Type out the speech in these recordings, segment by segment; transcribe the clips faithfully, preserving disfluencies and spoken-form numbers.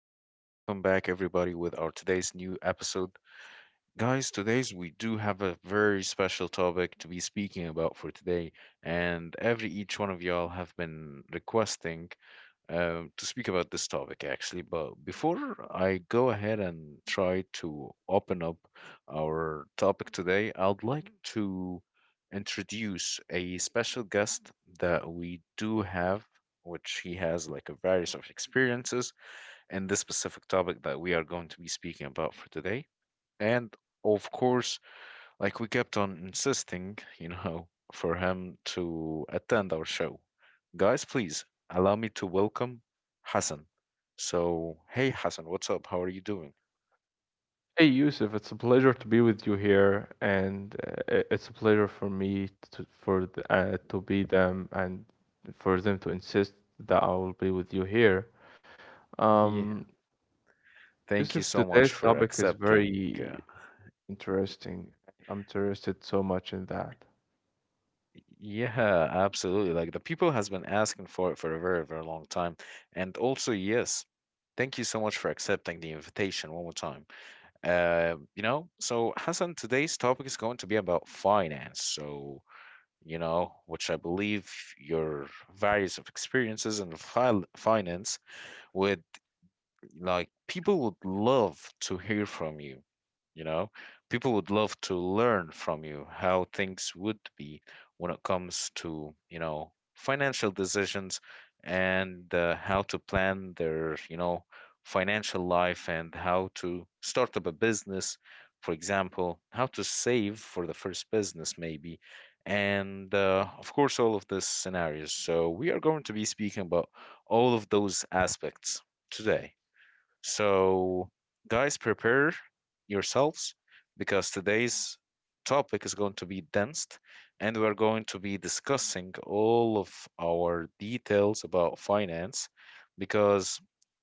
Hello and welcome back, everybody, with our today's new episode. Guys, today's we do have a very special topic to be speaking about for today, and every each one of y'all have been requesting um, to speak about this topic actually. But before I go ahead and try to open up our topic today, I'd like to introduce a special guest that we do have, which he has like a various of experiences in this specific topic that we are going to be speaking about for today. And of course, like we kept on insisting, you know, for him to attend our show. Guys, please allow me to welcome Hassan. So, hey Hassan, what's up? How are you doing? Hey Yusuf, it's a pleasure to be with you here, and uh, i- it's a pleasure for me to, for the, uh, to be them and for them to insist that I will be with you here. Yeah. Um, Thank you Yusuf, so much today's for topic is accepting. very Uh, interesting. I'm interested so much in that. yeah, absolutely. Like the people has been asking for it for a very, very long time. And also, yes, thank you so much for accepting the invitation one more time. Uh, you know, so Hassan, today's topic is going to be about finance. So, you know, which I believe your various of experiences in fi finance would, like, people would love to hear from you, you know, people would love to learn from you how things would be when it comes to, you know, financial decisions, and uh, how to plan their, you know, financial life, and how to start up a business, for example, how to save for the first business maybe, and uh, of course, all of these scenarios. So we are going to be speaking about all of those aspects today. So, guys, prepare yourselves, because today's topic is going to be dense, and we're going to be discussing all of our details about finance, because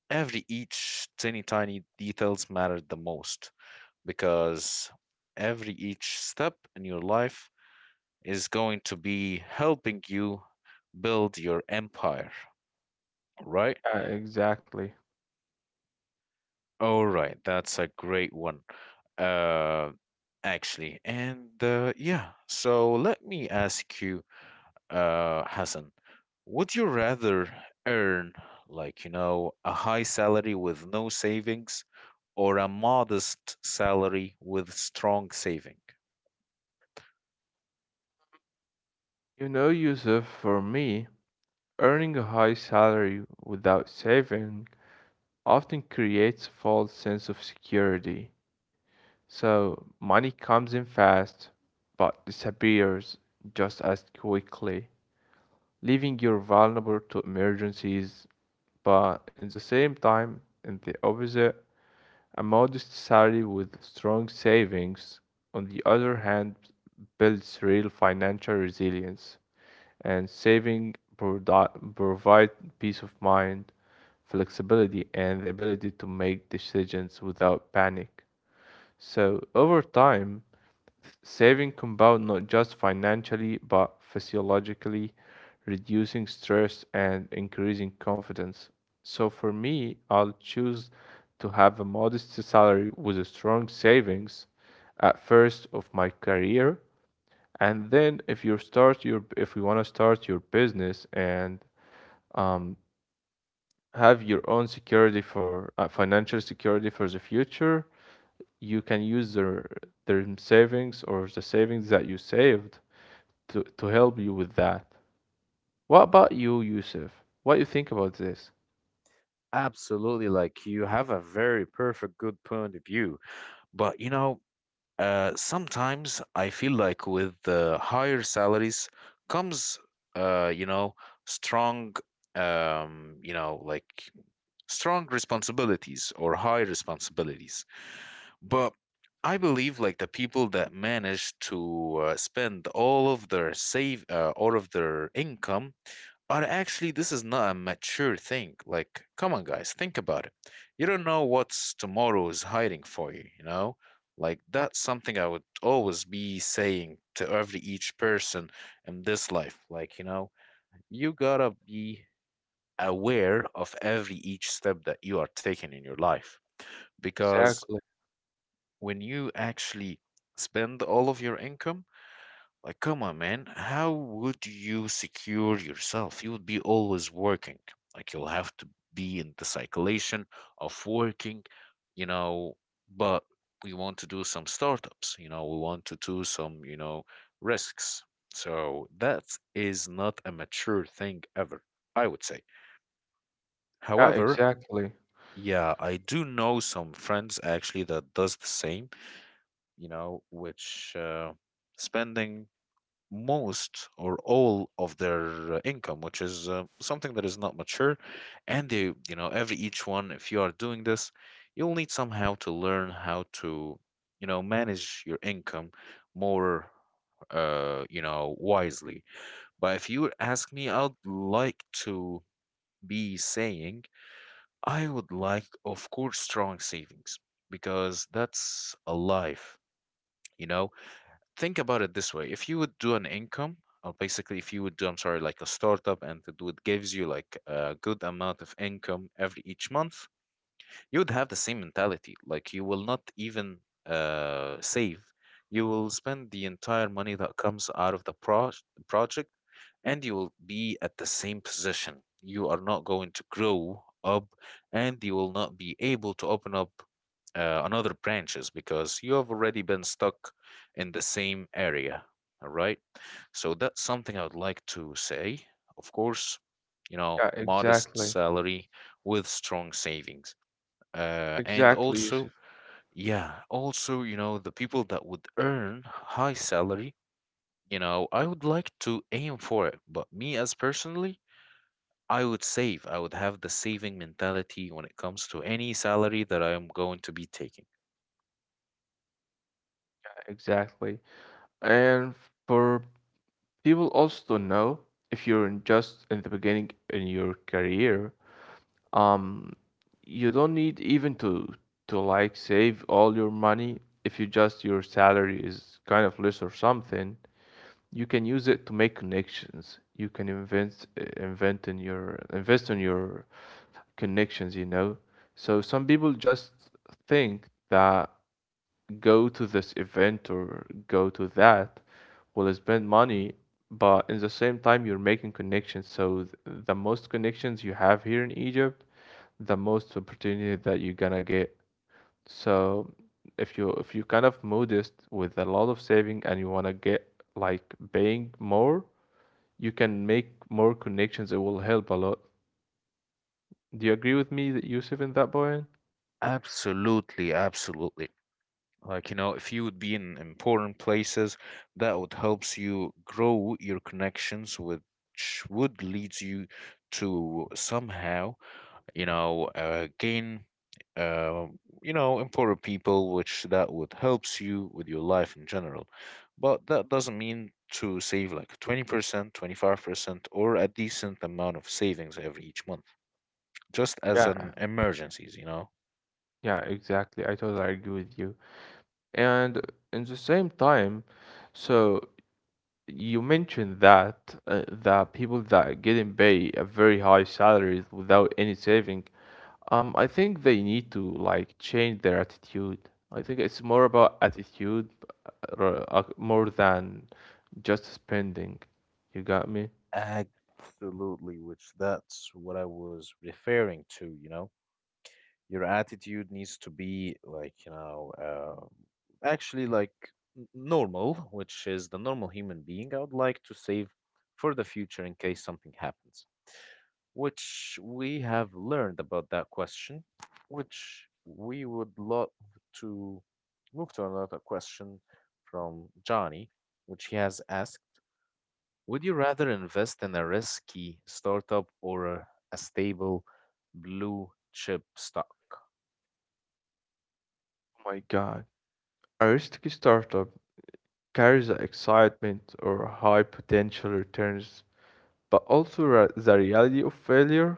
every each tiny tiny details matter the most, because every each step in your life is going to be helping you build your empire, right? Uh, exactly. All right, that's a great one. Uh, actually, and uh, yeah, so let me ask you, uh, Hassan, would you rather earn, like, you know, a high salary with no savings, or a modest salary with strong saving? You know, Yusuf, for me, earning a high salary without saving often creates a false sense of security. So money comes in fast but disappears just as quickly, leaving you vulnerable to emergencies. But at the same time, in the opposite, a modest salary with strong savings, on the other hand, builds real financial resilience and saving provi- provide peace of mind, flexibility, and the ability to make decisions without panic. So over time, th- saving compound not just financially but physiologically, reducing stress and increasing confidence. So for me, I'll choose to have a modest salary with a strong savings at first of my career and then if you start your if you want to start your business and um, have your own security for uh, financial security for the future, you can use their their savings or the savings that you saved to, to help you with that. What about you, Yusuf? What you think about this? Absolutely, like you have a very perfect, good point of view. But you know, uh, sometimes I feel like with the higher salaries comes, uh, you know, strong, um, you know, like strong responsibilities or high responsibilities. But I believe, like, the people that manage to uh, spend all of their save, uh, all of their income, but actually, this is not a mature thing. Like, come on, guys, think about it. You don't know what's tomorrow is hiding for you, you know? Like, that's something I would always be saying to every each person in this life. Like, you know, you gotta be aware of every each step that you are taking in your life. Because Exactly. when you actually spend all of your income, like, come on, man. How would you secure yourself? You would be always working. Like, you'll have to be in the circulation of working, you know. But we want to do some startups, you know, we want to do some, you know, risks. So that is not a mature thing ever, I would say. Yeah, However, exactly. yeah, I do know some friends actually that does the same, you know, which uh, spending most or all of their uh, income, which is uh, something that is not mature. And they, you know, every each one, if you are doing this, you'll need somehow to learn how to, you know, manage your income more, uh, you know, wisely. But if you ask me, I'd like to be saying, I would like, of course, strong savings, because that's a life. You know, think about it this way, if you would do an income, or basically if you would do, I'm sorry, like a startup, and it would gives you like a good amount of income every each month, you would have the same mentality. Like, you will not even uh, save. You will spend the entire money that comes out of the pro- project, and you will be at the same position. You are not going to grow up, and you will not be able to open up uh, another branches, because you have already been stuck in the same area. All right. So that's something I would like to say. Of course, you know, Yeah, modest exactly. salary with strong savings, uh, and Exactly, also, Yusuf. yeah, also, you know, the people that would earn high salary, you know, I would like to aim for it, but me, as personally, I would save, I would have the saving mentality when it comes to any salary that I am going to be taking. Exactly. And for People also know if you're in just in the beginning in your career, um, you don't need even to to like save all your money. If you just your salary is kind of less or something, you can use it to make connections. You can invent invent in your invest in your connections, you know. So some people just think that go to this event or go to that will spend money, but in the same time, you're making connections. So th- the most connections you have here in Egypt, the most opportunity that you're gonna get. So if you if you kind of modest with a lot of saving and you wanna get like paying more, you can make more connections. It will help a lot. Do you agree with me, Yusuf, in that point? Absolutely, absolutely, like, you know, if you would be in important places that would helps you grow your connections, which would leads you to somehow, you know, uh, gain, uh, you know, empower people, which that would helps you with your life in general. But that doesn't mean to save like twenty percent, twenty-five percent, or a decent amount of savings every each month, just as Yeah, an emergencies, you know. yeah, exactly. I totally agree with you. And in the same time, so you mentioned that uh, the people that getting paid a very high salaries without any saving, um, I think they need to like change their attitude. I think it's more about attitude ra- uh, more than just spending. You got me? Absolutely, which that's what I was referring to, you know. Your attitude needs to be like, you know, uh, actually, like, n- normal, which is the normal human being. I would like to save for the future in case something happens, which we have learned about that question, which we would love to move to another question from Johnny, which he has asked. Would you rather invest in a risky startup or a a stable blue chip stock? Oh my God. A risky startup carries the excitement or high potential returns, but also ra- the reality of failure.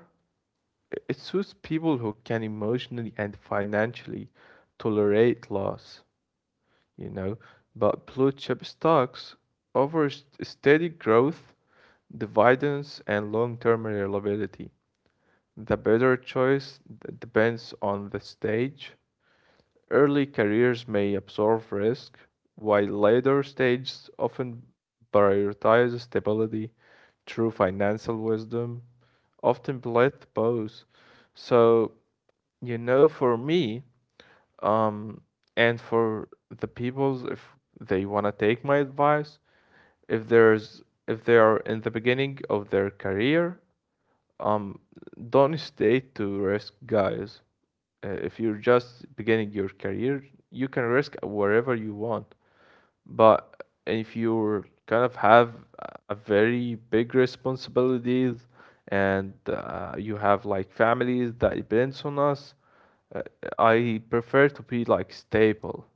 It suits people who can emotionally and financially tolerate loss, you know. But blue chip stocks offer s- steady growth, dividends, and long term reliability. The better choice d- depends on the stage. Early careers may absorb risk, while later stages often prioritize stability through financial wisdom, often both both. So you know, for me, um, and for the peoples, if they want to take my advice, if there's if they are in the beginning of their career, um, don't stay to risk, guys. Uh, if you're just beginning your career, you can risk wherever you want. But if you kind of have a very big responsibilities and uh, you have like families that depends on us, uh, I prefer to be like stable,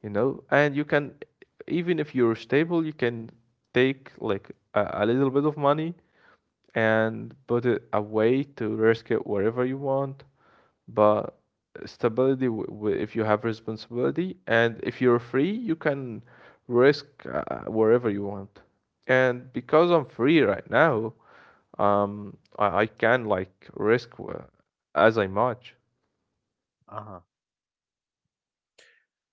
you know? And you can, even if you're stable, you can take like a, a little bit of money and put it away to risk it wherever you want. But stability, w w if you have responsibility and if you're free, you can risk uh, wherever you want. And because I'm free right now, um, I, I can like risk uh, as I much. Uh-huh.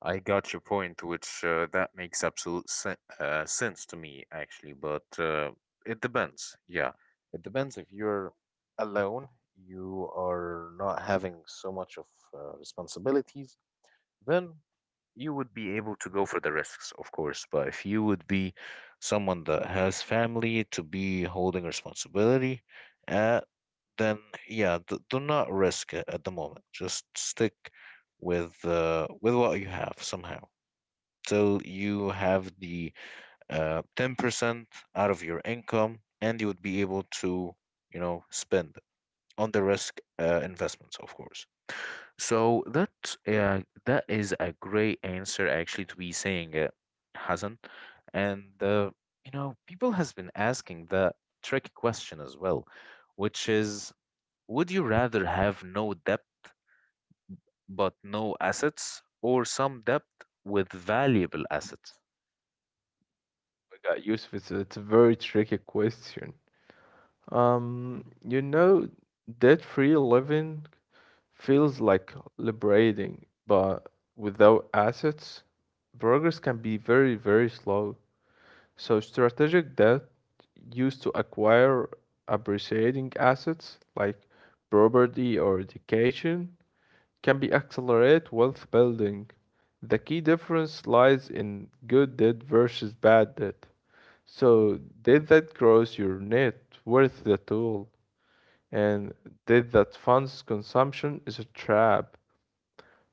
I got your point, which uh, that makes absolute se- uh, sense to me, actually. But uh, it depends. Yeah, it depends. If you're alone, you are not having so much of uh, responsibilities, then you would be able to go for the risks, of course. But if you would be someone that has family to be holding responsibility, uh, then yeah, d do not risk it at the moment. Just stick with uh, with what you have somehow till you have the uh, ten percent out of your income, and you would be able to, you know, spend on the risk uh, investments, of course. So that uh, that is a great answer actually to be saying it, Hassan. And uh, you know, people has been asking the tricky question as well, which is, would you rather have no debt but no assets, or some debt with valuable assets? I got Yusuf, it's it's a very tricky question. Um, you know, debt-free living feels like liberating, but without assets, progress can be very, very slow. So strategic debt used to acquire appreciating assets like property or education can be accelerate wealth building. The key difference lies in good debt versus bad debt. So debt that grows your net worth the tool and debt that funds consumption is a trap.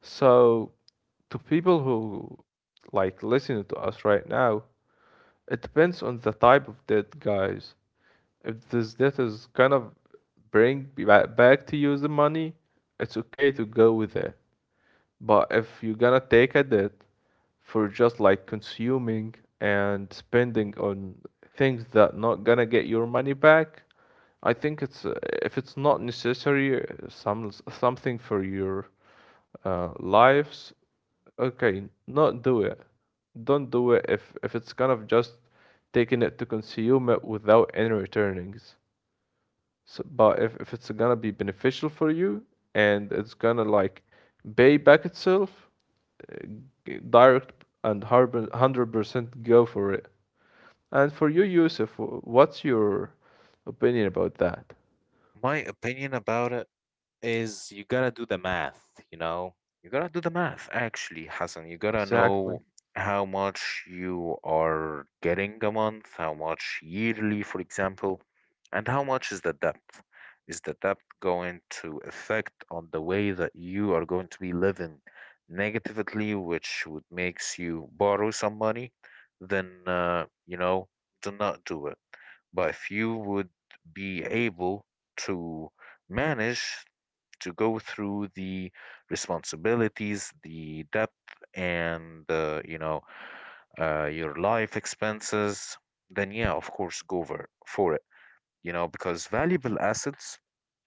So to people who like listening to us right now, it depends on the type of debt, guys. If this debt is kind of bring ba- back to you the money, it's okay to go with it. But if you're gonna take a debt for just like consuming and spending on things that not gonna get your money back, I think it's uh, if it's not necessary, uh, some something for your uh, lives, okay, not do it. Don't do it if if it's kind of just taking it to consume it without any returnings. So, but if, if it's gonna be beneficial for you and it's gonna like pay back itself, uh, g- direct and harbor- one hundred percent go for it. And for you, Yusuf, wh- what's your opinion about that? My opinion about it is, you gotta do the math, you know? You gotta do the math, actually, Hassan. You gotta Exactly, know how much you are getting a month, how much yearly, for example, and how much is the debt. Is the debt going to affect on the way that you are going to be living negatively, which would makes you borrow some money? Then, uh, you know, do not do it. But if you would be able to manage to go through the responsibilities, the debt, and uh, you know, uh, your life expenses, then yeah, of course, go for, for it, you know, because valuable assets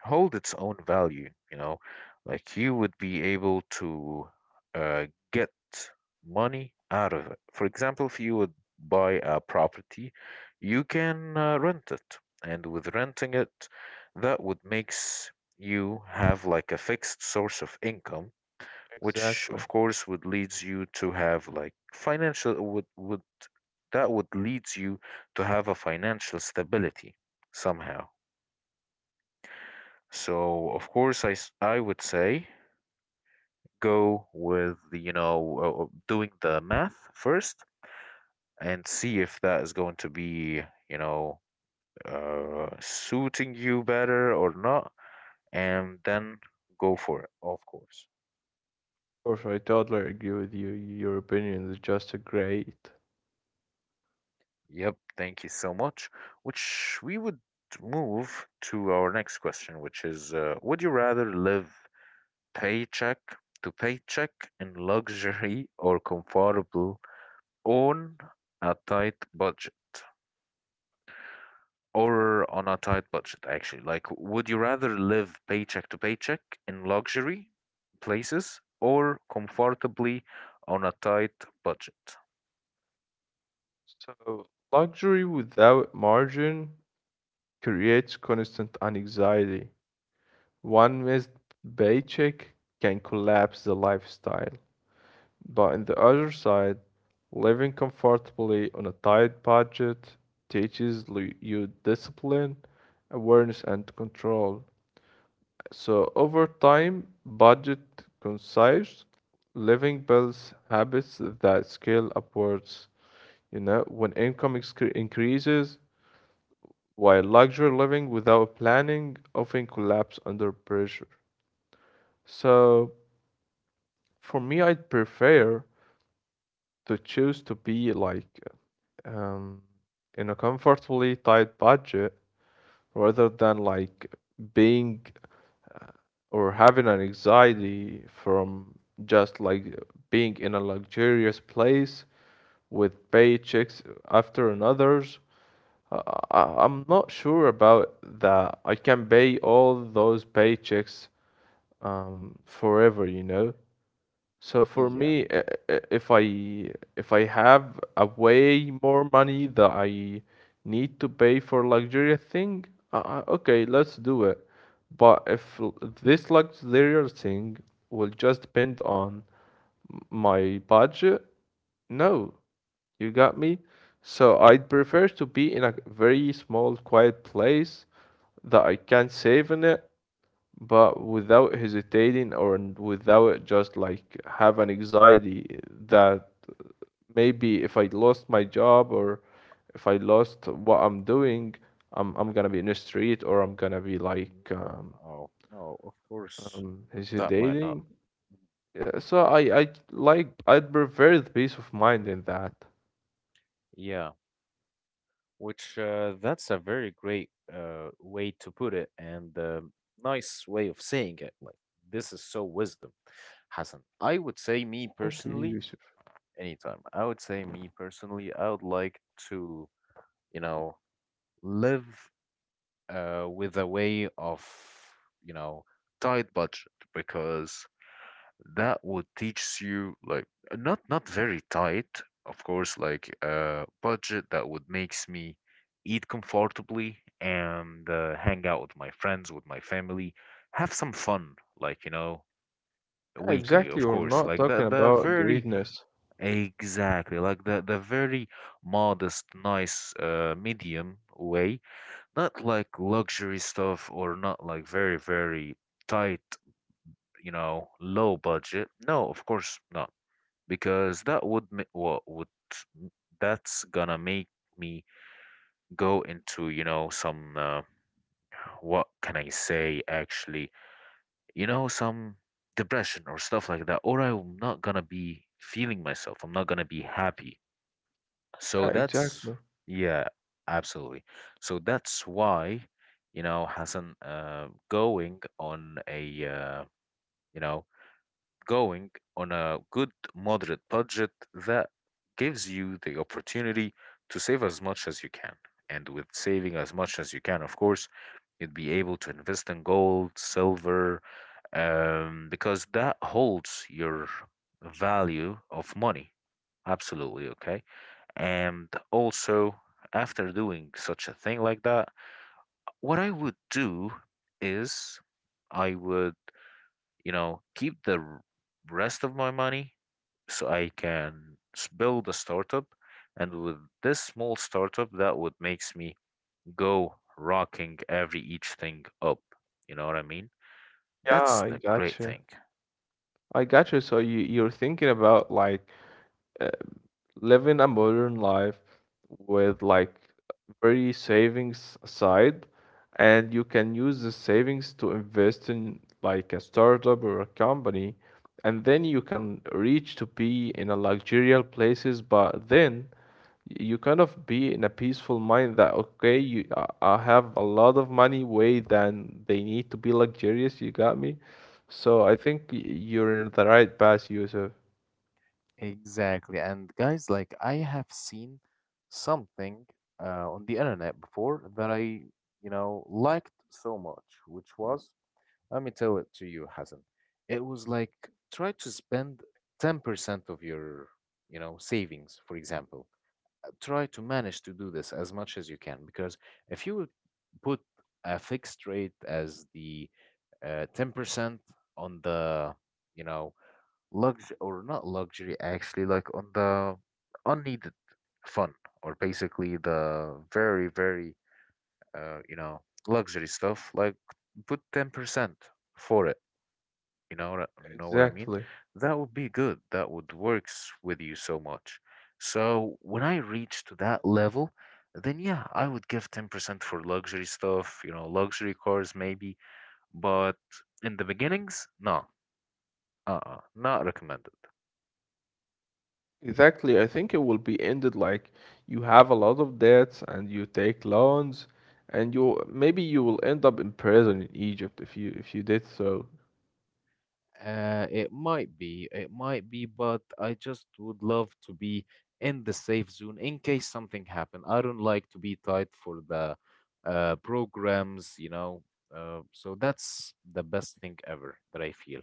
hold its own value, you know, like you would be able to uh, get money out of it. For example, if you would buy a property, you can uh, rent it. And with renting it, that would makes you have like a fixed source of income, which exactly. of course would leads you to have like financial would would that would leads you to have a financial stability somehow. So of course, I s- I would say, go with the, you know, uh, uh, doing the math first and see if that is going to be, you know, uh, suiting you better or not, and then go for it, of course. Of course, I totally agree with you. Your opinion is just great. Yep, thank you so much. Which we would move to our next question, which is uh, would you rather live paycheck to paycheck in luxury, or comfortable on a tight budget? Or on a tight budget, actually. Like, would you rather live paycheck to paycheck in luxury places, or comfortably on a tight budget? So, luxury without margin creates constant anxiety. One missed paycheck can collapse the lifestyle. But on the other side, living comfortably on a tight budget teaches lu- you discipline, awareness, and control. So over time, budget concise living builds habits that scale upwards. You know, when income excre- increases, while luxury living without planning often collapse under pressure. So for me, I'd prefer to choose to be like um, in a comfortably tight budget rather than like being or having an anxiety from just like being in a luxurious place with paychecks after another's. I, I- I'm not sure about that. I can pay all those paychecks um, forever, you know. So for Yeah. me, i- i- if I if I have a way more money that I need to pay for luxurious thing, uh, uh, okay, let's do it. But if l- this luxurious thing will just depend on m- my budget, no, you got me. So I'd prefer to be in a very small, quiet place that I can save in it but without hesitating or n- without just like have an anxiety that maybe if I lost my job or if I lost what I'm doing, I'm I'm gonna be in the street or I'm gonna be Mm. like um, Oh, no, of course, um th- that might hesitating. not. Yeah, so I I like I'd prefer the peace of mind in that. Yeah, which uh, that's a very great uh, way to put it, and um, nice way of saying it. Like, this is so wisdom, Hassan. I would say, me Thank you, personally, Yusuf. anytime, I would say, me personally, I would like to, you know, live uh, with a way of, you know, tight budget because that would teach you like uh, not not very tight of course, like a budget that would makes me eat comfortably and uh, hang out with my friends, with my family, have some fun, like you know, Yeah, weekly exactly. of We're course, not like the talking the about very greediness. exactly, like the the very modest, nice uh, medium way. Not like luxury stuff or not like very very tight, you know, low budget. No, of course not, because that would ma- what would, that's gonna make me go into, you know, some uh, what can I say actually, you know, some depression or stuff like that, or I'm not gonna be feeling myself, I'm not gonna be happy, so Yeah, that's, exactly. yeah, absolutely. So that's why, you know, Hassan, uh, going on a uh, you know going on a good moderate budget that gives you the opportunity to save as much as you can. And with saving as much as you can, of course, you'd be able to invest in gold, silver, um, because that holds your value of money. Absolutely, okay. And also, after doing such a thing like that, what I would do is I would, you know, keep the r- rest of my money so I can s- build a startup. And with this small startup, that would makes me go rocking every each thing up. You know what I mean? Yeah, That's I the great got you. thing. I got you. So you you're thinking about like uh, living a modern life with like very savings aside and you can use the savings to invest in like a startup or a company and then you can reach to be in a luxurious places but then you kind of be in a peaceful mind that okay you I I have a lot of money way than they need to be luxurious, you got me. So I think y- you're in the right path, Yusuf, Exactly. And guys, like I have seen something uh, on the internet before that I, you know, liked so much, which was, let me tell it to you, Hassan. It was like try to spend ten percent of your, you know, savings, for example. Try to manage to do this as much as you can, because if you would put a fixed rate as the uh, ten percent on the, you know, lux or not luxury actually, like on the unneeded fun, or basically the very very uh, you know, luxury stuff, like put ten percent for it. You know what I- you know what I mean? exactly. That would be good. That would works with you so much. So when I reach to that level, then yeah, I would give ten percent for luxury stuff, you know, luxury cars maybe, but in the beginnings, no. Uh-uh, not recommended. Exactly. I think it will be ended like you have a lot of debts and you take loans and you maybe you will end up in prison in Egypt if you if you did so. Uh, it might be, it might be, but I just would love to be in the safe zone in case something happened. I don't like to be tied for the uh, programs, you know. Uh, so that's the best thing ever that I feel.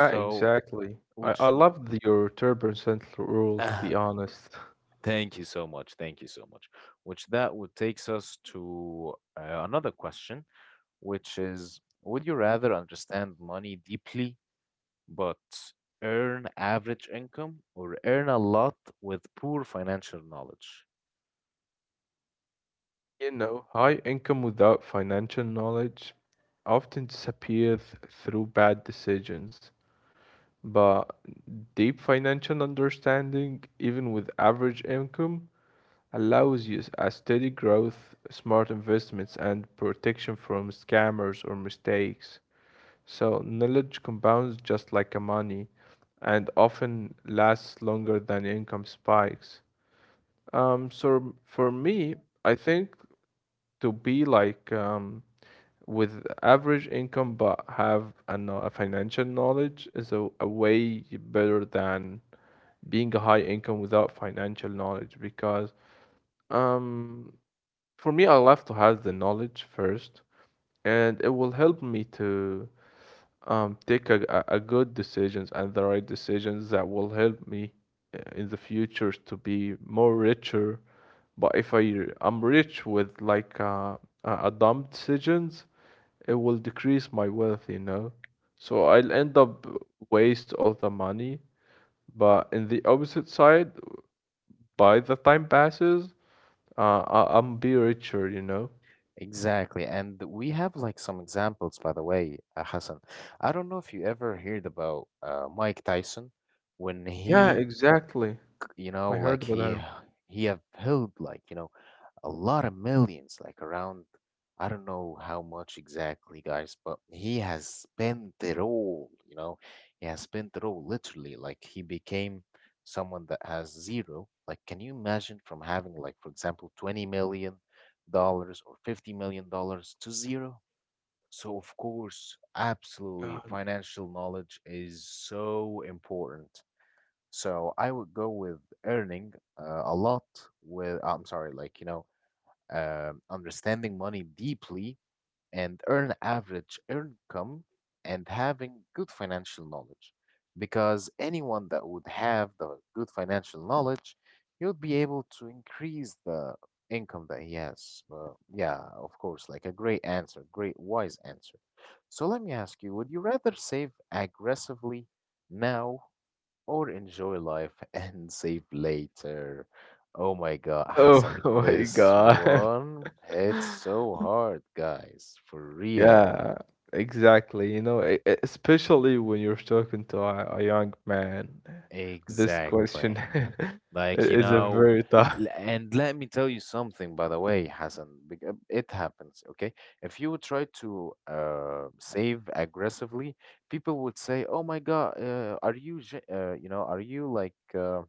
Yeah, exactly. I, I which, love the, your ten percent rule w- to be honest. thank you so much, thank you so much. Which that would takes us to uh, another question, which is, would you rather understand money deeply but earn average income, or earn a lot with poor financial knowledge? You know, high income without financial knowledge often disappears through bad decisions. But deep financial understanding, even with average income, allows you a steady growth, smart investments, and protection from scammers or mistakes. So, knowledge compounds just like a money and often lasts longer than income spikes. Um, so, for me, I think to be like um, with average income but have a, kno- a financial knowledge is a, a way better than being a high income without financial knowledge because um for me I love to have the knowledge first and it will help me to um take a, a, a good decisions and the right decisions that will help me uh, in the future to be more richer, but if I I'm rich with like uh, a a dumb decisions, it will decrease my wealth you know, so I'll end up waste all the money, but in the opposite side, by the time passes, Uh, I, I'm be richer, you know? Exactly. And we have like some examples, by the way, uh, Hassan. I don't know if you ever heard about uh, Mike Tyson when Yeah, he, exactly. you know, I heard like about he him. he have held, like, you know, a lot of millions, like around, I don't know how much exactly, guys, but he has spent it all, you know? He has spent it all literally. Like, he became someone that has zero. Like, can you imagine from having, like, for example, twenty million dollars or fifty million dollars to zero? So, of course, absolutely, God. financial knowledge is so important. So I would go with earning uh, a lot, with, I'm sorry, like, you know, um, understanding money deeply, and earn average income and having good financial knowledge. Because anyone that would have the good financial knowledge, he would be able to increase the income that he has. Uh, yeah, of course, like a great answer, great wise answer. So let me ask you, would you rather save aggressively now or enjoy life and save later? Oh my God, Oh Hassan, my this God. one hits so hard, guys, for real. Yeah, exactly. You know, e- e- especially when you're talking to a, a young man, this Exactly. question i- Like, you is a know, very tough. l- and let me tell you something, by the way, Hassan, bec- uh, it happens, okay? If you try to uh, save aggressively, people would say, "Oh my God, uh, are you, ge- uh, you know, are you like, uh,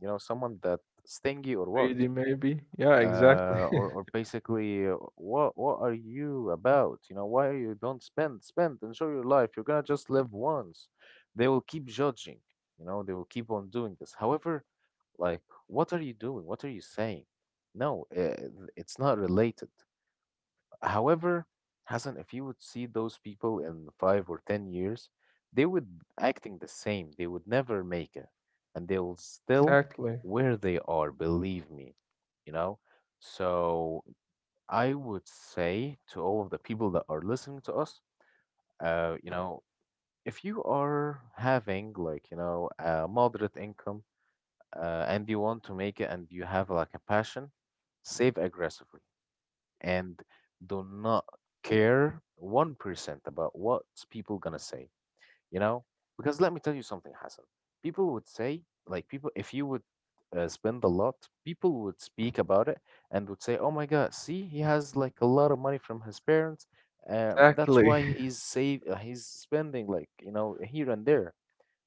you know, someone that stingy or what?" Really, maybe? Yeah, exactly. uh, or or basically, uh, what what are you about? You know, why you don't spend, spend, enjoy your life. You're gonna just live once. They will keep judging. You know, they will keep on doing this. However, like, what are you doing? What are you saying? No, uh, it's not related. However, Hassan, if you would see those people in five or ten years, they would acting the same. They would never make it, and they will still Exactly. where they are. Believe me, you know. So I would say to all of the people that are listening to us, uh, you know, if you are having like, you know, a moderate income, uh, and you want to make it and you have like a passion, save aggressively and do not care one percent about what's people gonna say, you know? Because let me tell you something, Hassan. People would say, like, people, if you would uh, spend a lot, people would speak about it and would say, oh my God, see, he has like a lot of money from his parents. Um, that's Exactly. why he's save, uh, he's spending like, you know, here and there.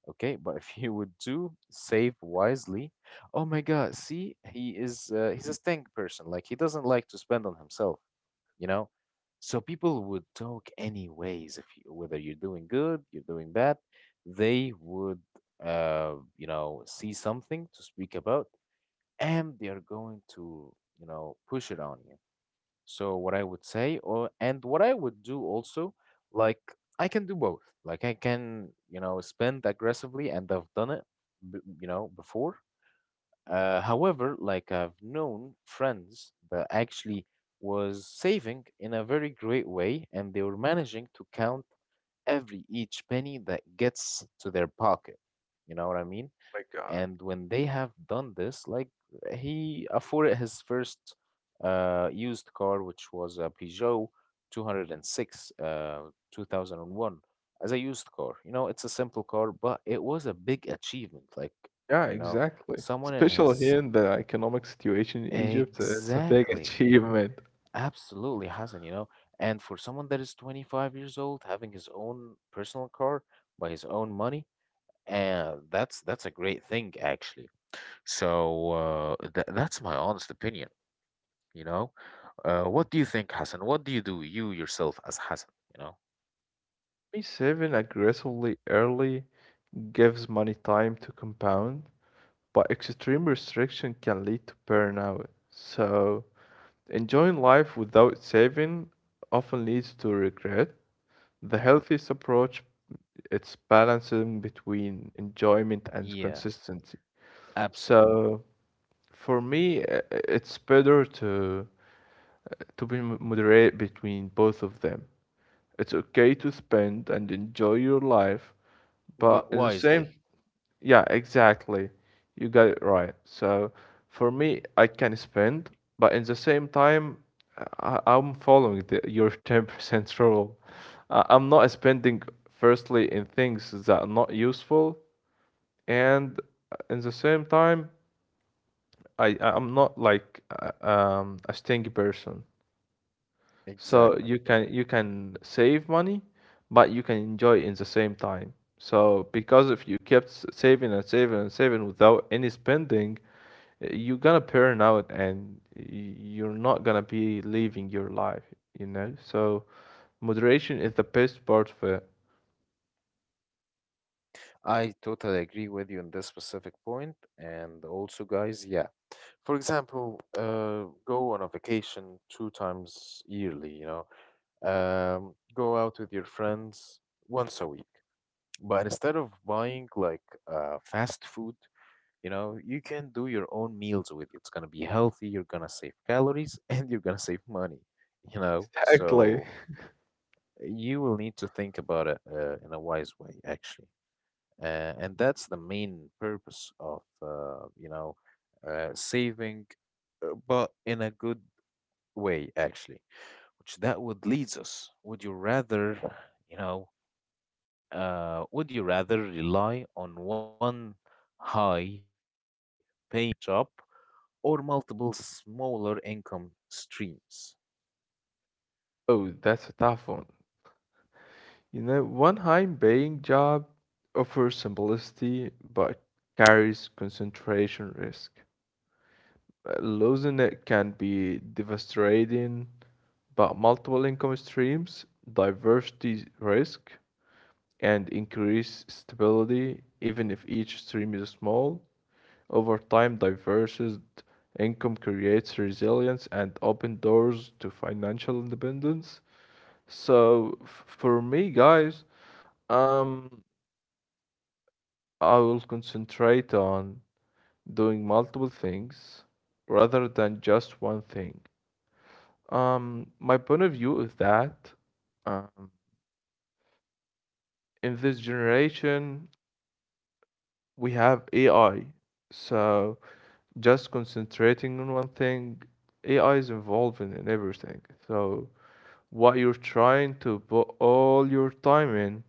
Okay, but if you would do save wisely, oh my God, see, he is uh, he's a stink person. Like he doesn't like to spend on himself, you know? So people would talk anyways, if you, whether you're doing good, you're doing bad, they would, uh, you know, see something to speak about, and they are going to, you know, push it on you. So what I would say, or and what I would do also, like I can do both. Like I can, you know, spend aggressively, and I've done it, b- you know, before. Uh, however, like I've known friends that actually was saving in a very great way and they were managing to count every each penny that gets to their pocket. You know what I mean? My God. And when they have done this, like he afforded his first uh, used car, which was a Peugeot two hundred six, uh, two thousand one, as a used car. You know, it's a simple car, but it was a big achievement. Like, Yeah, you know, exactly. someone in Especially his, here in the economic situation in Egypt, uh, it's a big exactly. achievement. Absolutely, Hassan, you know. And for someone that is twenty-five years old, having his own personal car by his own money, uh, that's that's a great thing actually. So uh, th that's my honest opinion, you know. Uh, what do you think, Hassan? What do you do, you yourself as Hassan, you know? Me Saving aggressively early gives money time to compound, but extreme restriction can lead to burnout. So, enjoying life without saving often leads to regret. The healthiest approach it's balancing between enjoyment and Yeah, consistency. absolutely. So for me, uh, it's better to to be mo- moderate between both of them. It's okay to spend and enjoy your life, but But at the same— wisely. yeah, exactly. You got it right. So for me, I can spend, but in the same time, I, I'm following the, your ten percent rule. Uh, I'm not spending firstly in things that are not useful, and uh, in the same time, I I'm not like uh, um, a stingy person. So Exactly. you can you can save money, but you can enjoy in the same time. So because if you kept s- saving and saving and saving without any spending, Uh, you're gonna burn out and you're not gonna be living your life, you know? So moderation is the best part of it. I totally agree with you on this specific point, and also, guys, yeah. For example, uh, go on a vacation two times yearly, you know, um, go out with your friends once a week. But instead of buying like uh, fast food, you know, you can do your own meals with it. It's gonna be healthy, you're gonna save calories, and you're gonna save money, you know. Exactly. So you will need to think about it uh, in a wise way, actually. Uh, and that's the main purpose of, uh, you know, uh, saving, uh, but in a good way, actually, which that would leads us. Would you rather, you know, uh, would you rather rely on one high paying job or multiple smaller income streams? Oh, that's a tough one. You know, one high-paying job offers simplicity but carries concentration risk. Uh, Losing it can be devastating, but multiple income streams, diversity risk, and increased stability, even if each stream is small. Over time, diversity income creates resilience and open doors to financial independence. So f- for me, guys, um, I will concentrate on doing multiple things rather than just one thing. Um, my point of view is that um, in this generation we have A I. So just concentrating on one thing, A I is involved in, in everything. So what you're trying to put all your time in,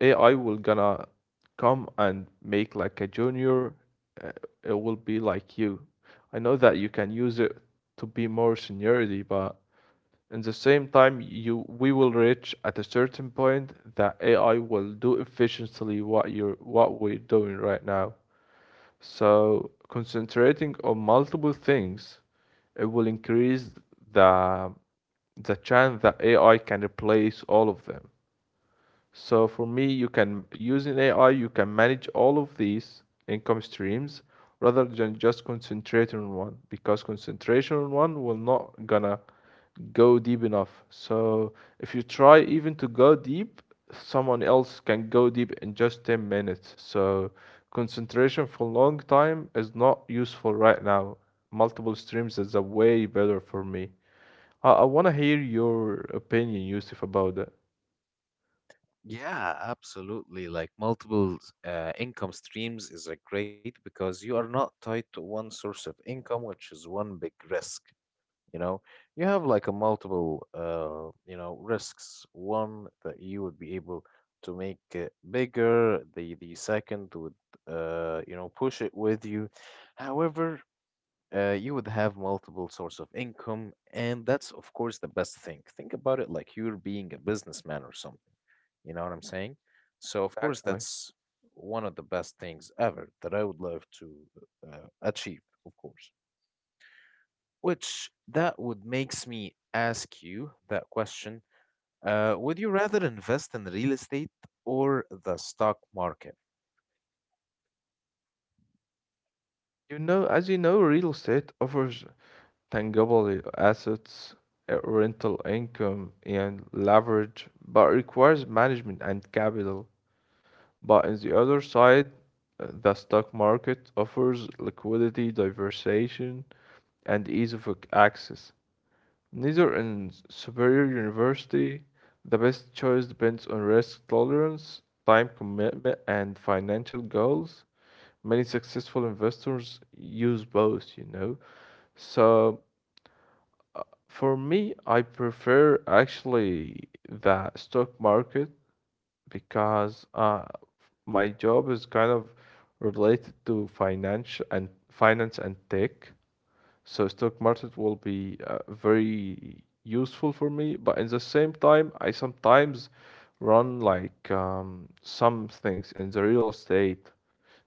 A I will gonna come and make like a junior. Uh, it will be like you. I know that you can use it to be more seniority, but in the same time, you we will reach at a certain point that A I will do efficiently what you're what we're doing right now. So concentrating on multiple things, it will increase the the chance that A I can replace all of them. So for me, you can using A I, you can manage all of these income streams rather than just concentrate on one, because concentration on one will not gonna go deep enough. So if you try even to go deep, someone else can go deep in just ten minutes. So concentration for a long time is not useful right now. Multiple streams is a way better for me. I, I want to hear your opinion, Yusuf, about that. Yeah, absolutely. Like multiple uh, income streams is a great, because you are not tied to one source of income, which is one big risk. You know, you have like a multiple uh you know, risks, one that you would be able to make it bigger, the the second would uh you know, push it with you. However, uh, you would have multiple source of income, and that's of course the best thing. Think about it, like you're being a businessman or something, you know what I'm saying? So of course Exactly. that's one of the best things ever that I would love to uh, achieve, of course, which that would makes me ask you that question. Uh, would you rather invest in real estate or the stock market? You know, as you know, real estate offers tangible assets, uh, rental income, and leverage, but requires management and capital. But on the other side, uh, the stock market offers liquidity, diversification, and ease of ac- access. Neither in s- superior university, the best choice depends on risk tolerance, time commitment, and financial goals. Many successful investors use both, you know. So for me, I prefer actually the stock market because uh, my job is kind of related to finance and finance and tech. So stock market will be uh, very useful for me, but at the same time, I sometimes run like um, some things in the real estate.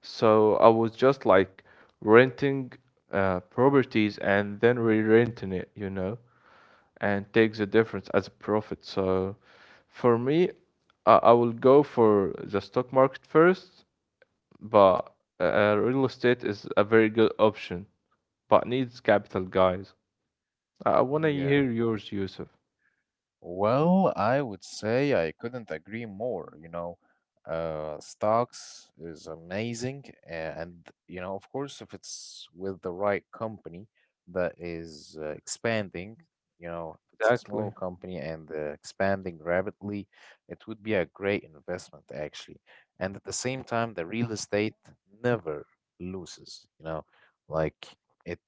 So I was just like renting uh, properties and then re-renting it, you know, and take the difference as a profit. So for me, I, I will go for the stock market first, but uh, uh, real estate is a very good option, but needs capital, guys. I want to Yeah. hear yours, Yusuf. Well, I would say I couldn't agree more. You know, uh, stocks is amazing, a- and you know, of course, if it's with the right company that is uh, expanding, you know, if it's a small Exactly. company and uh, expanding rapidly, it would be a great investment actually. And at the same time, the real estate never loses. You know, like it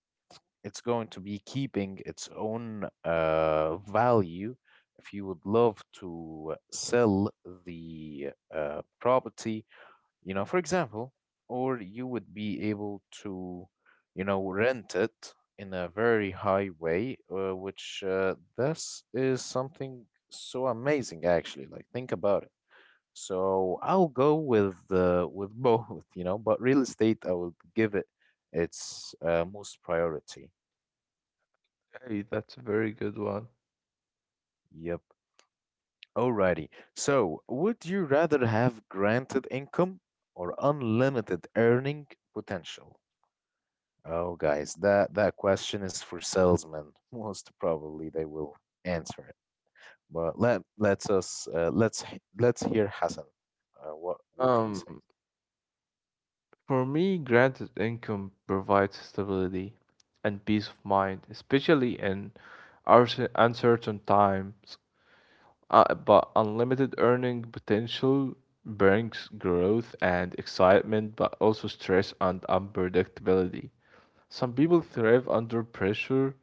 it's going to be keeping its own uh, value. If you would love to sell the uh, property, you know, for example, or you would be able to, you know, rent it in a very high way, uh, which uh, this is something so amazing, actually. Like, think about it. So I'll go with uh, with both, you know, but real estate, I will give it its uh, most priority. Hey, that's a very good one. Yep. Alrighty. So, would you rather have granted income or unlimited earning potential? Oh, guys, that that question is for salesmen. Most probably they will answer it. But let let's us uh, let's h- let's hear Hassan. Uh, what would he Um, say? for me, granted income provides stability and peace of mind, especially in our s- uncertain times. Uh, but unlimited earning potential brings growth and excitement, but also stress and unpredictability. Some people thrive under pressure,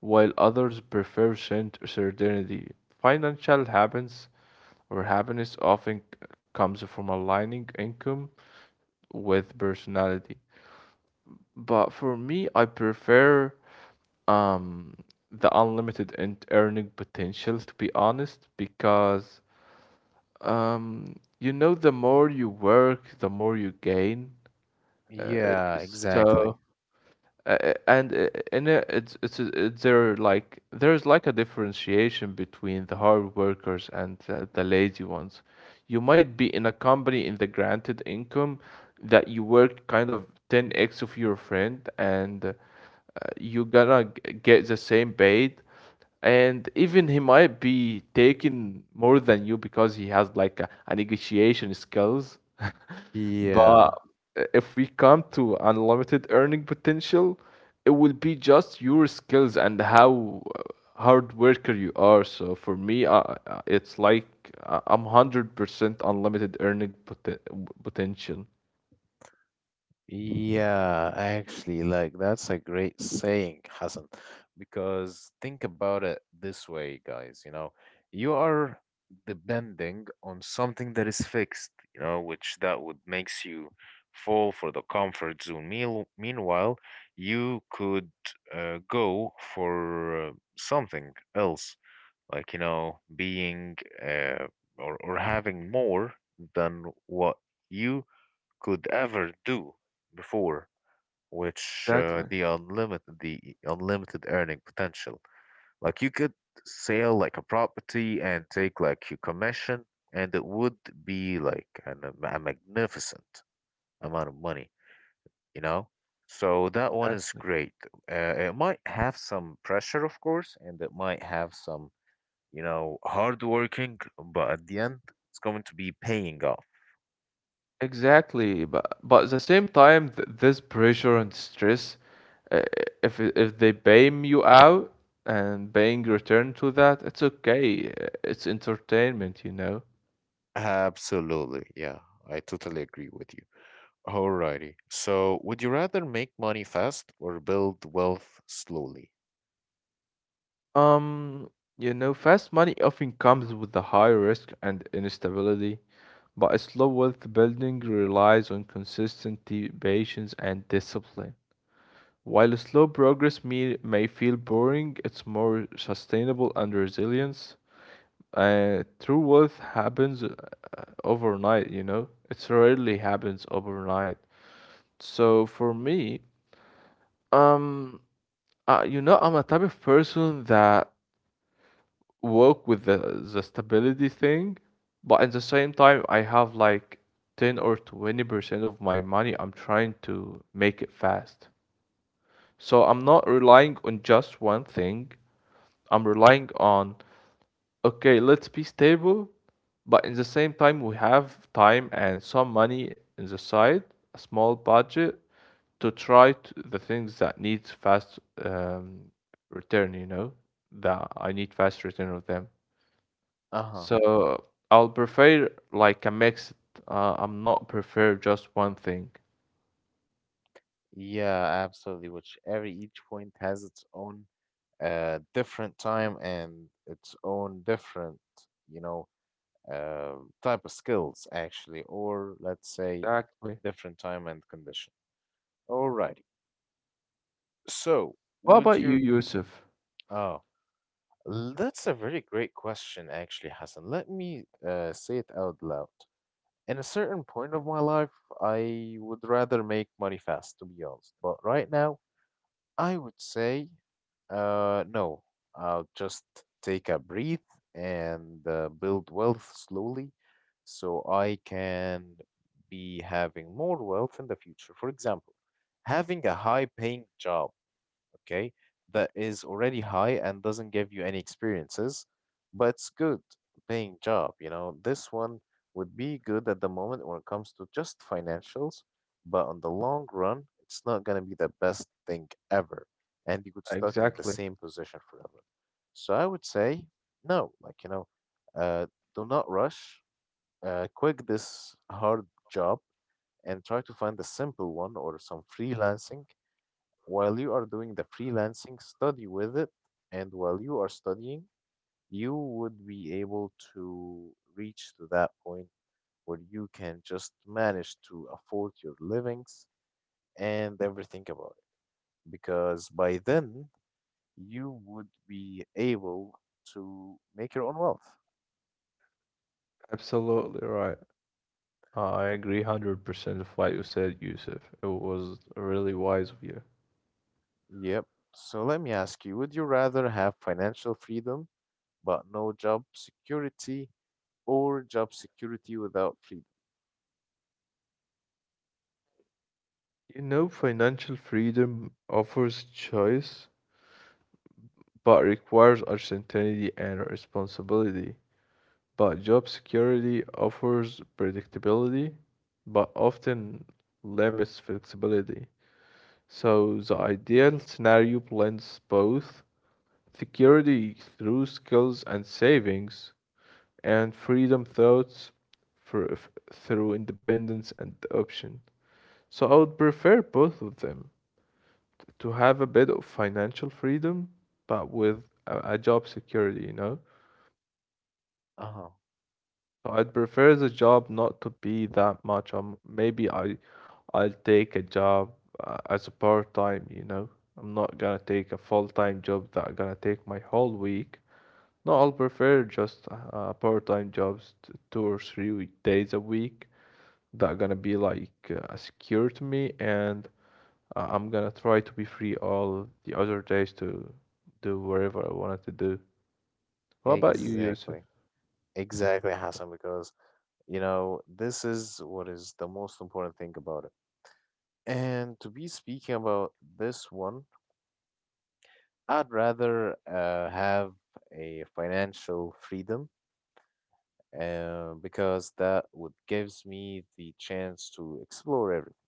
while others prefer cert- certainty. Financial happiness or happiness often c- comes from aligning income with personality. But for me, I prefer um the unlimited and earning potential, to be honest, because um, you know, the more you work, the more you gain. Uh, Yeah, exactly. so, uh, uh, and uh, and uh, it's it's uh, it's there, like there's like a differentiation between the hard workers and uh, the lazy ones. You might be in a company in the granted income that you work kind of ten x of your friend and uh, you're gonna g- get the same paid, and even he might be taking more than you because he has like a, a negotiation skills but Yeah. uh, if we come to unlimited earning potential, it will be just your skills and how uh, hard worker you are. So for me, uh, uh, it's like, uh, I'm one hundred percent unlimited earning poten- potential. Yeah, actually, like that's a great saying, Hassan, because think about it this way, guys, you know, you are depending on something that is fixed, you know, which that would makes you fall for the comfort zone. Meal Meanwhile, you could uh, go for uh, something else, like, you know, being uh, or or having more than what you could ever do before, which uh, Exactly. the unlimited the unlimited earning potential. Like you could sell like a property and take like your commission, and it would be like an, um, a magnificent amount of money, you know. So that one is Exactly. great. Uh, it might have some pressure, of course, and it might have some, you know, hard working, but at the end, it's going to be paying off. Exactly, but but at the same time, th this pressure and stress, uh, if it- if they bail you out and paying return to that, it's okay. uh, It's entertainment, you know. Absolutely. Yeah, I totally agree with you. Alrighty. So, would you rather make money fast or build wealth slowly? Um, you know, fast money often comes with the high risk and instability, but a slow wealth building relies on consistency, patience, and discipline. While slow progress may, may feel boring, it's more sustainable and resilient. Uh, true wealth happens uh, overnight, you know? It rarely happens overnight. So for me, um, uh, you know, I'm a type of person that work with the the stability thing, but at the same time, I have like ten or twenty percent of my money I'm trying to make it fast. So I'm not relying on just one thing. I'm relying on— okay, let's be stable, but in the same time, we have time and some money in the side, a small budget to try to, the things that needs fast um, return, you know, that I need fast return of them. Uh-huh. So I'll prefer like a mix. Uh, I'm not prefer just one thing. Yeah, absolutely. Which every each point has its own uh different time and its own different, you know, uh, type of skills actually, or let's say Exactly. different time and condition. Alrighty. So, What would about you, you? Yusuf? Oh, that's a very great question actually, Hassan. Let me uh say it out loud. In a certain point of my life, I would rather make money fast, to be honest. But right now, I would say, uh, no, I'll just take a breath and uh, build wealth slowly so I can be having more wealth in the future. For example, having a high paying job, okay, that is already high and doesn't give you any experiences, but it's good paying job, you know. This one would be good at the moment when it comes to just financials, but on the long run, it's not gonna be the best thing ever, and you could stuck in the Exactly. same position forever. So I would say no, like you know, uh, do not rush. Uh, quit this hard job and try to find a simple one or some freelancing while you are doing the freelancing study with it, and while you are studying you would be able to reach to that point where you can just manage to afford your livings and everything about it, because by then you would be able to make your own wealth. Absolutely right. I agree one hundred percent of what you said, Yusuf. It was really wise of you. Yep. So let me ask you, would you rather have financial freedom but no job security, or job security without freedom? You know, financial freedom offers choice, but requires uncertainty and responsibility. But job security offers predictability, but often limits flexibility. So the ideal scenario blends both security through skills and savings, and freedom thoughts for, through independence and option. So I would prefer both of them, to have a bit of financial freedom, but with a, a job security, you know? Uh-huh. So I'd prefer the job not to be that much. Um, maybe I I'll take a job uh, as a part time, you know? I'm not gonna take a full time job that gonna take my whole week. No, I'll prefer just uh, part time jobs, t- two or three we- days a week that gonna be like uh, secure to me. And Uh, I'm gonna try to be free all the other days to do whatever I wanted to do. What about you, Yusuf? Exactly. Exactly, Hassan, because you know, this is what is the most important thing about it. And to be speaking about this one, I'd rather uh, have a financial freedom uh, because that would gives me the chance to explore everything.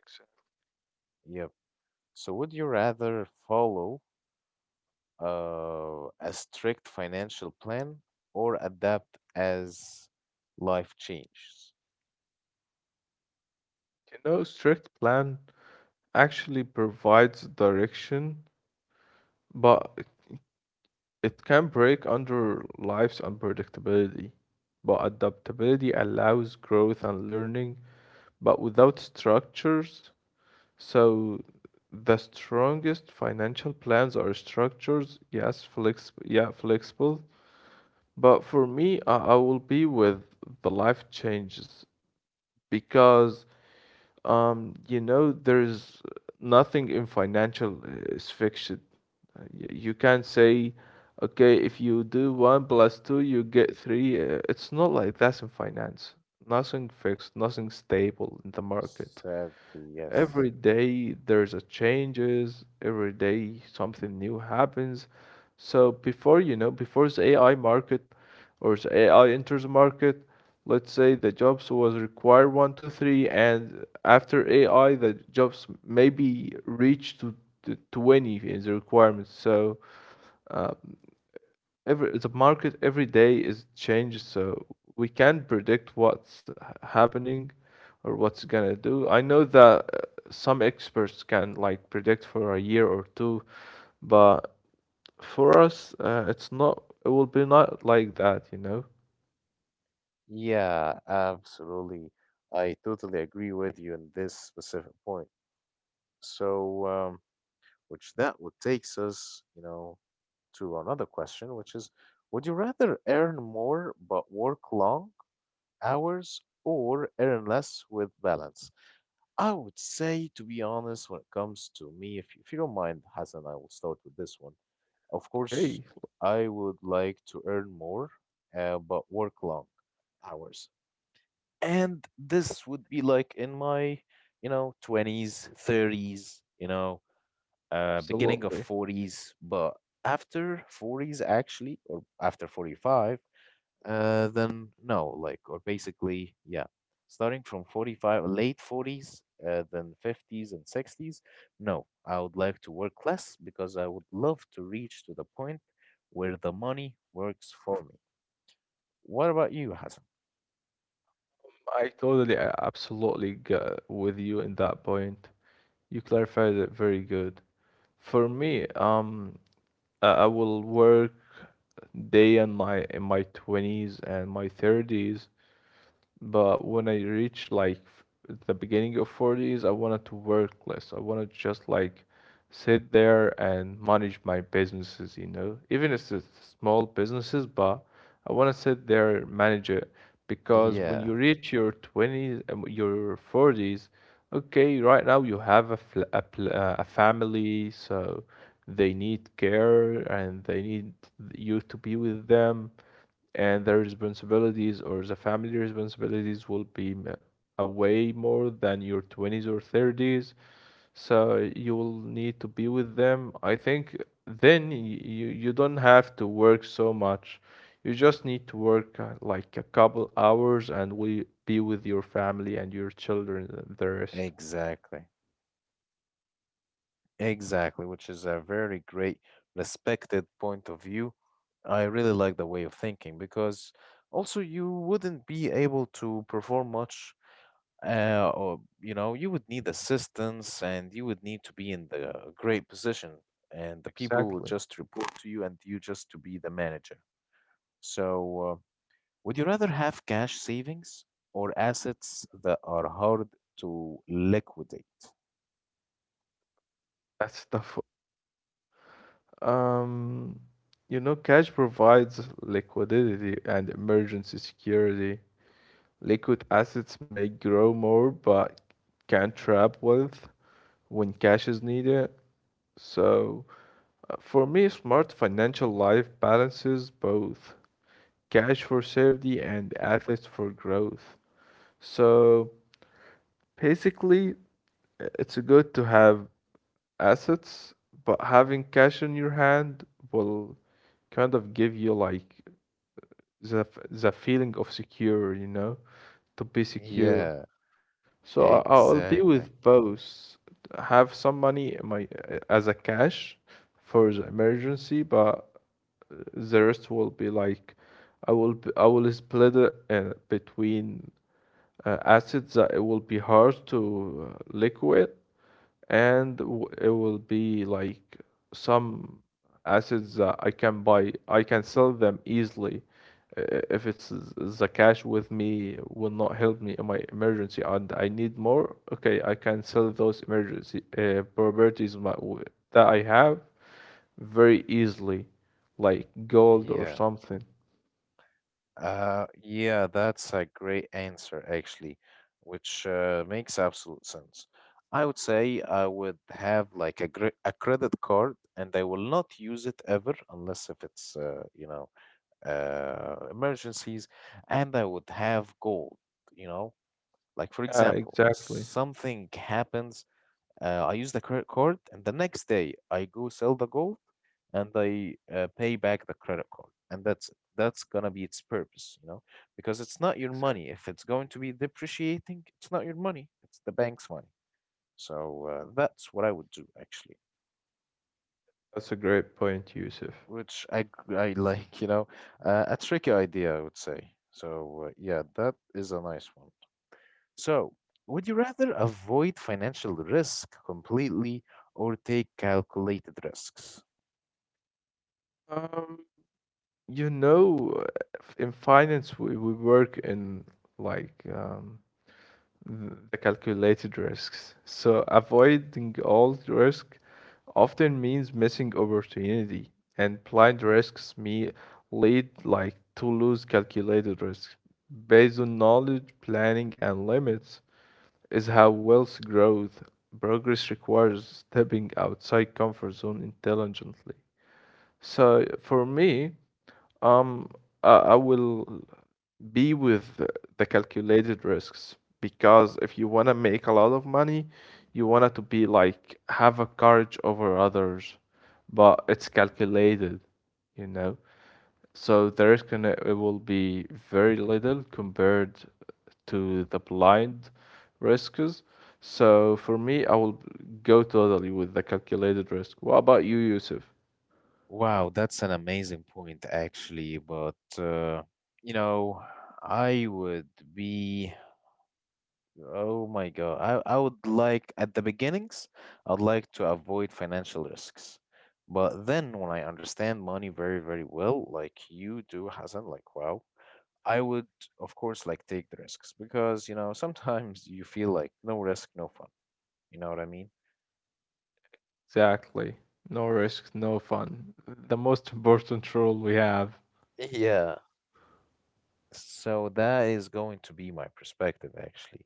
Exactly. Yep. So would you rather follow uh, a strict financial plan or adapt as life changes? You know, strict plan actually provides direction, but it it can break under life's unpredictability. But adaptability allows growth and learning, but without structures, so the strongest financial plans are structures, yes, flex, yeah, flexible. But for me, I, I will be with the life changes because, um, you know, there's nothing in financial uh, is fixed. Uh, y- You can't say, okay, if you do one plus two, you get three. Uh, It's not like that's in finance. Nothing fixed, nothing stable in the market. Sadly, yes. Every day there's a changes, every day something new happens. So before you know, before the A I market or the A I enters the market, let's say the jobs was required one, two, three, and after A I the jobs maybe reach to, to twenty in the requirements. So uh, every the market every day is changed, so we can't predict what's uh, happening or what's gonna do. I know that uh, some experts can like predict for a year or two, but for us, uh, it's not. It will be not like that, you know. Yeah, absolutely. I totally agree with you on this specific point. So, um, which that would takes us, you know, to another question, which is, would you rather earn more but work long hours or earn less with balance? I would say, to be honest, when it comes to me, if if you don't mind, Hassan, I will start with this one. Of course, Okay, I would like to earn more, uh, but work long hours, and this would be like in my you know twenties, thirties, you know, uh beginning of absolutely. forties, but after forties actually, or after forty-five, uh then no, like, or basically yeah, starting from forty-five, late forties, uh, then fifties and sixties, no, I would like to work less because I would love to reach to the point where the money works for me. What about you, Hassan? I totally, uh, absolutely go with you in that point. You clarified it very good. For me, um, I I will work day in my in my twenties and my thirties, but when I reached like f- the beginning of forties, I wanted to work less. I wanted to just like sit there and manage my businesses, you know, even if it's small businesses, but I want to sit there, and manage it, because when you Yeah, reach your twenties and your forties, okay, right now you have a, fl a, pl uh, a family, so they need care and they need you to be with them, and their responsibilities or the family responsibilities will be m- a way more than your twenties or thirties. So you will need to be with them, I think. Then y- you you don't have to work so much. You just need to work uh, like a couple hours and we be with your family and your children and the rest. exactly. Exactly, which is a very great, respected point of view. I really like the way of thinking because also you wouldn't be able to perform much, uh, or you know, you would need assistance and you would need to be in the great position, and the people would Exactly. just report to you and you just to be the manager. So, uh, would you rather have cash savings or assets that are hard to liquidate? That's tough. um you know, cash provides liquidity and emergency security. Liquid assets may grow more but can trap wealth when cash is needed. So, uh, for me, smart financial life balances both, cash for safety and assets for growth. So, basically, i- it's good to have assets, but having cash in your hand will kind of give you like the f- the feeling of secure, you know, to be secure. Yeah, So I- I'll be with exactly. both. Have some money in my as a cash for the emergency, but the rest will be like I will b- I will split it uh, between uh, assets that it will be hard to uh, liquid and w- it will be like some assets that I can buy, I can sell them easily. I- If it's the cash with me will not help me in my emergency and I need more, okay, I can sell those emergency uh, properties my, w- that I have very easily, like gold or Yeah. something. Uh, yeah, that's a great answer, actually, which uh, makes absolute sense. I would say I would have like a gre- a credit card and I will not use it ever unless if it's uh, you know, uh, emergencies, and I would have gold, you know? Like, for Yeah, example, exactly. something happens, uh, I use the credit card, and the next day I go sell the gold and I uh, pay back the credit card. And that's that's gonna be its purpose, you know, because it's not your money. If it's going to be depreciating, it's not your money. It's the bank's money. So uh, that's what I would do, actually. That's a great point, Yusuf. Which I g- I like, you know, uh, a tricky idea, I would say. So uh, yeah, that is a nice one. So, would you rather avoid financial risk completely or take calculated risks? Um, You know, f- in finance, we, we work in like um, th- the calculated risks. So avoiding all risk often means missing opportunity, and blind risks me lead like to lose calculated risk. Based on knowledge, planning, and limits is how wealth growth progress requires stepping outside comfort zone intelligently. So for me, um, uh, I will be with the calculated risks because if you want to make a lot of money, you want it to be like have a courage over others, but it's calculated, you know. So the risk in it, it will be very little compared to the blind risks. So for me, I will go totally with the calculated risk. What about you, Yusuf? Wow, that's an amazing point, actually. But, uh, you know, I would be, oh my God, I, I would like, at the beginnings, I'd like to avoid financial risks. But then when I understand money very, very well, like you do, Hassan, like, wow, I would, of course, like take the risks because, you know, sometimes you feel like no risk, no fun. You know what I mean? Exactly. No risk, no fun. The most important rule we have. Yeah. So that is going to be my perspective, actually.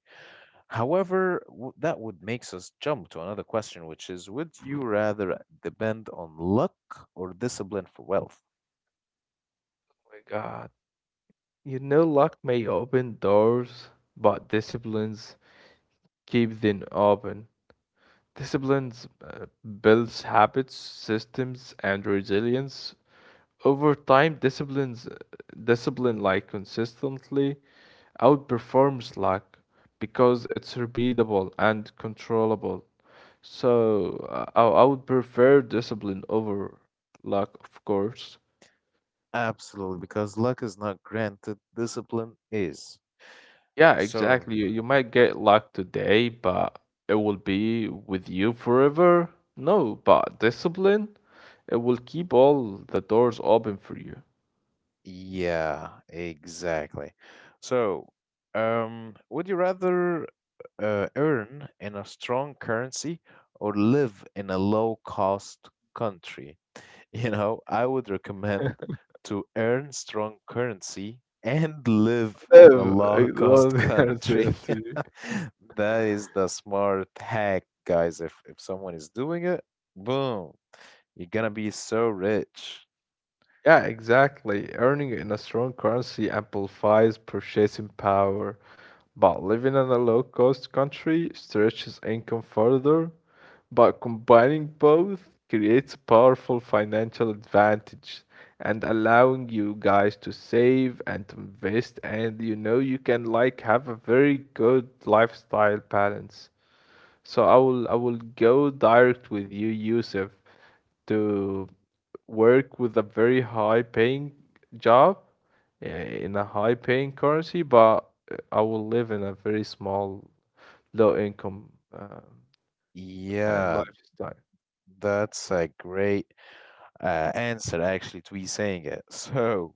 However, w- that would makes us jump to another question, which is, would you rather depend on luck or discipline for wealth? My God. You know, luck may open doors, but disciplines keep them open. Disciplines uh, builds habits, systems, and resilience. Over time, disciplines discipline like consistently outperforms luck because it's repeatable and controllable. So uh, I, I would prefer discipline over luck, of course. Absolutely, because luck is not granted, discipline is. Yeah, So, exactly. You, you might get luck today, but it will be with you forever. No, but discipline, it will keep all the doors open for you. yeah, exactly. So, um, would you rather uh, earn in a strong currency or live in a low cost country? You know, I would recommend to earn strong currency and live in a Yeah, low I- cost no, I see, I country. see. That is the smart hack, guys. If if someone is doing it, boom, you're gonna be so rich. Yeah, exactly. Earning in a strong currency amplifies purchasing power, but living in a low-cost country stretches income further. But combining both creates a powerful financial advantage and allowing you guys to save and to invest, and you know you can like have a very good lifestyle balance. So I will I will go direct with you, Yusuf, to work with a very high paying job uh, in a high paying currency, but uh, I will live in a very small, low income uh, and Yeah, lifestyle. that's a great uh, answer actually to be saying it. So,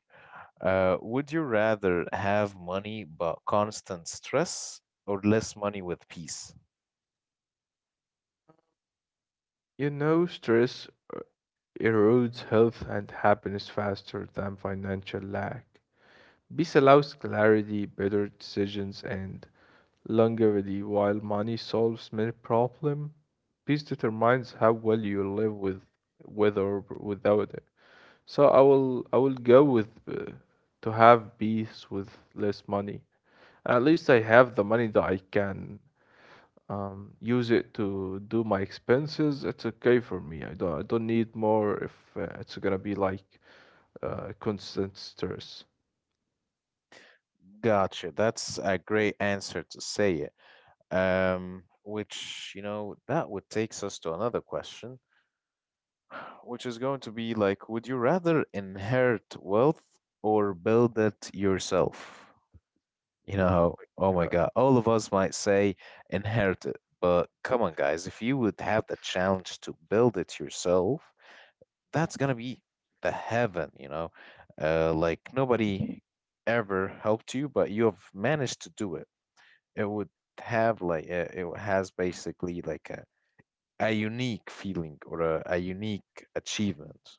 uh, would you rather have money but constant stress or less money with peace? You know, stress erodes health and happiness faster than financial lack. Peace allows clarity, better decisions, and longevity, while money solves many problems. Peace determines how well you live with, with or without it. So I will I will go with uh, to have peace with less money. At least I have the money that I can um, use it to do my expenses. It's okay for me. I don't I don't need more if uh, it's gonna be like uh, constant stress. Gotcha. That's a great answer to say it. Um, which, you know, that would takes us to another question, which is going to be like, would you rather inherit wealth or build it yourself? You know, oh Uh, my God, all of us might say inherit it, but come on, guys, if you would have the challenge to build it yourself, that's gonna be the heaven, you know, uh, like nobody ever helped you, but you have managed to do it. It would have like uh, it has basically like a, a unique feeling, or a, a unique achievement.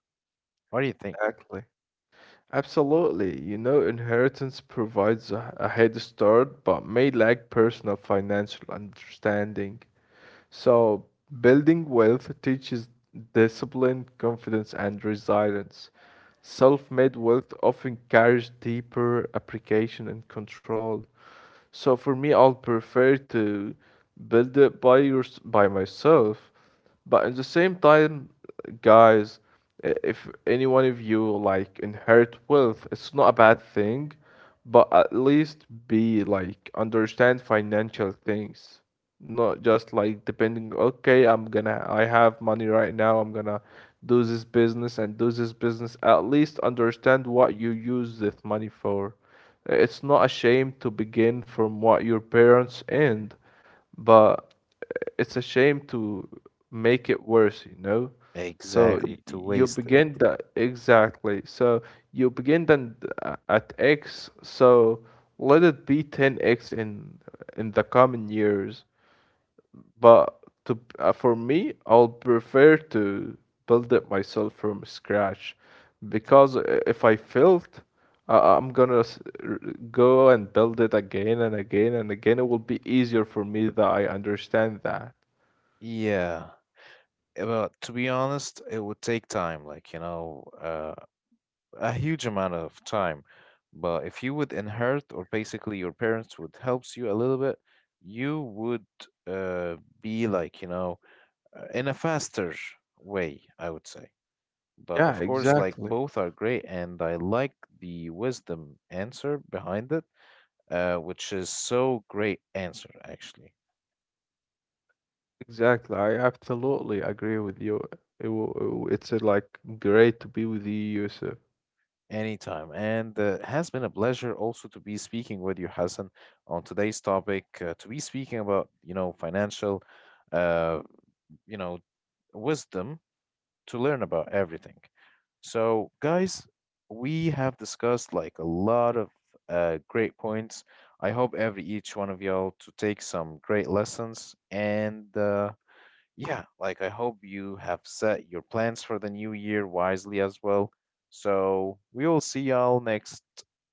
What do you think? Exactly. Absolutely. You know, inheritance provides a, a head start, but may lack personal financial understanding. So, building wealth teaches discipline, confidence, and resilience. Self made wealth often carries deeper application and control. So, for me, I'll prefer to build it by, your, by myself. But at the same time, guys, i- if any one of you like inherit wealth, it's not a bad thing but at least be like understand financial things, not just like depending, okay, I'm gonna, I have money right now, I'm gonna do this business and do this business. At least understand what you use this money for. It's not a shame to begin from what your parents end but it's a shame to make it worse, you know? So y- Exactly, to you waste it. begin that exactly. So you begin then th- at X. So let it be ten X in in the coming years. But to uh, for me, I'll prefer to build it myself from scratch because i- if I failed, uh, I'm gonna s- r- go and build it again and again and again. It will be easier for me that I understand that. Yeah. eh, Well, to be honest, it would take time, like, you know, uh, a huge amount of time. But if you would inherit, or basically your parents would helps you a little bit, you would uh, be like, you know, uh, in a faster way, I would say. But Yeah, of course, like exactly. both are great, and I like the wisdom answer behind it, uh, which is so great answer actually. Exactly. I absolutely agree with you. It, wa- it's uh, like great to be with you, Yusuf. Anytime, and uh, has been a pleasure also to be speaking with you, Hassan, on today's topic. Uh, to be speaking about you know financial, uh, you know, wisdom to learn about everything. So, guys, we have discussed like a lot of uh, great points. I hope every each one of y'all to take some great lessons, and uh, yeah, like I hope you have set your plans for the new year wisely as well. So we will see y'all next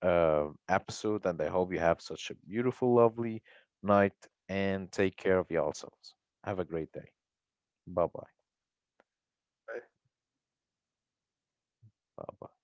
uh, episode, and I hope you have such a beautiful, lovely night, and take care of yourselves. Have a great day. Bye bye. Bye bye.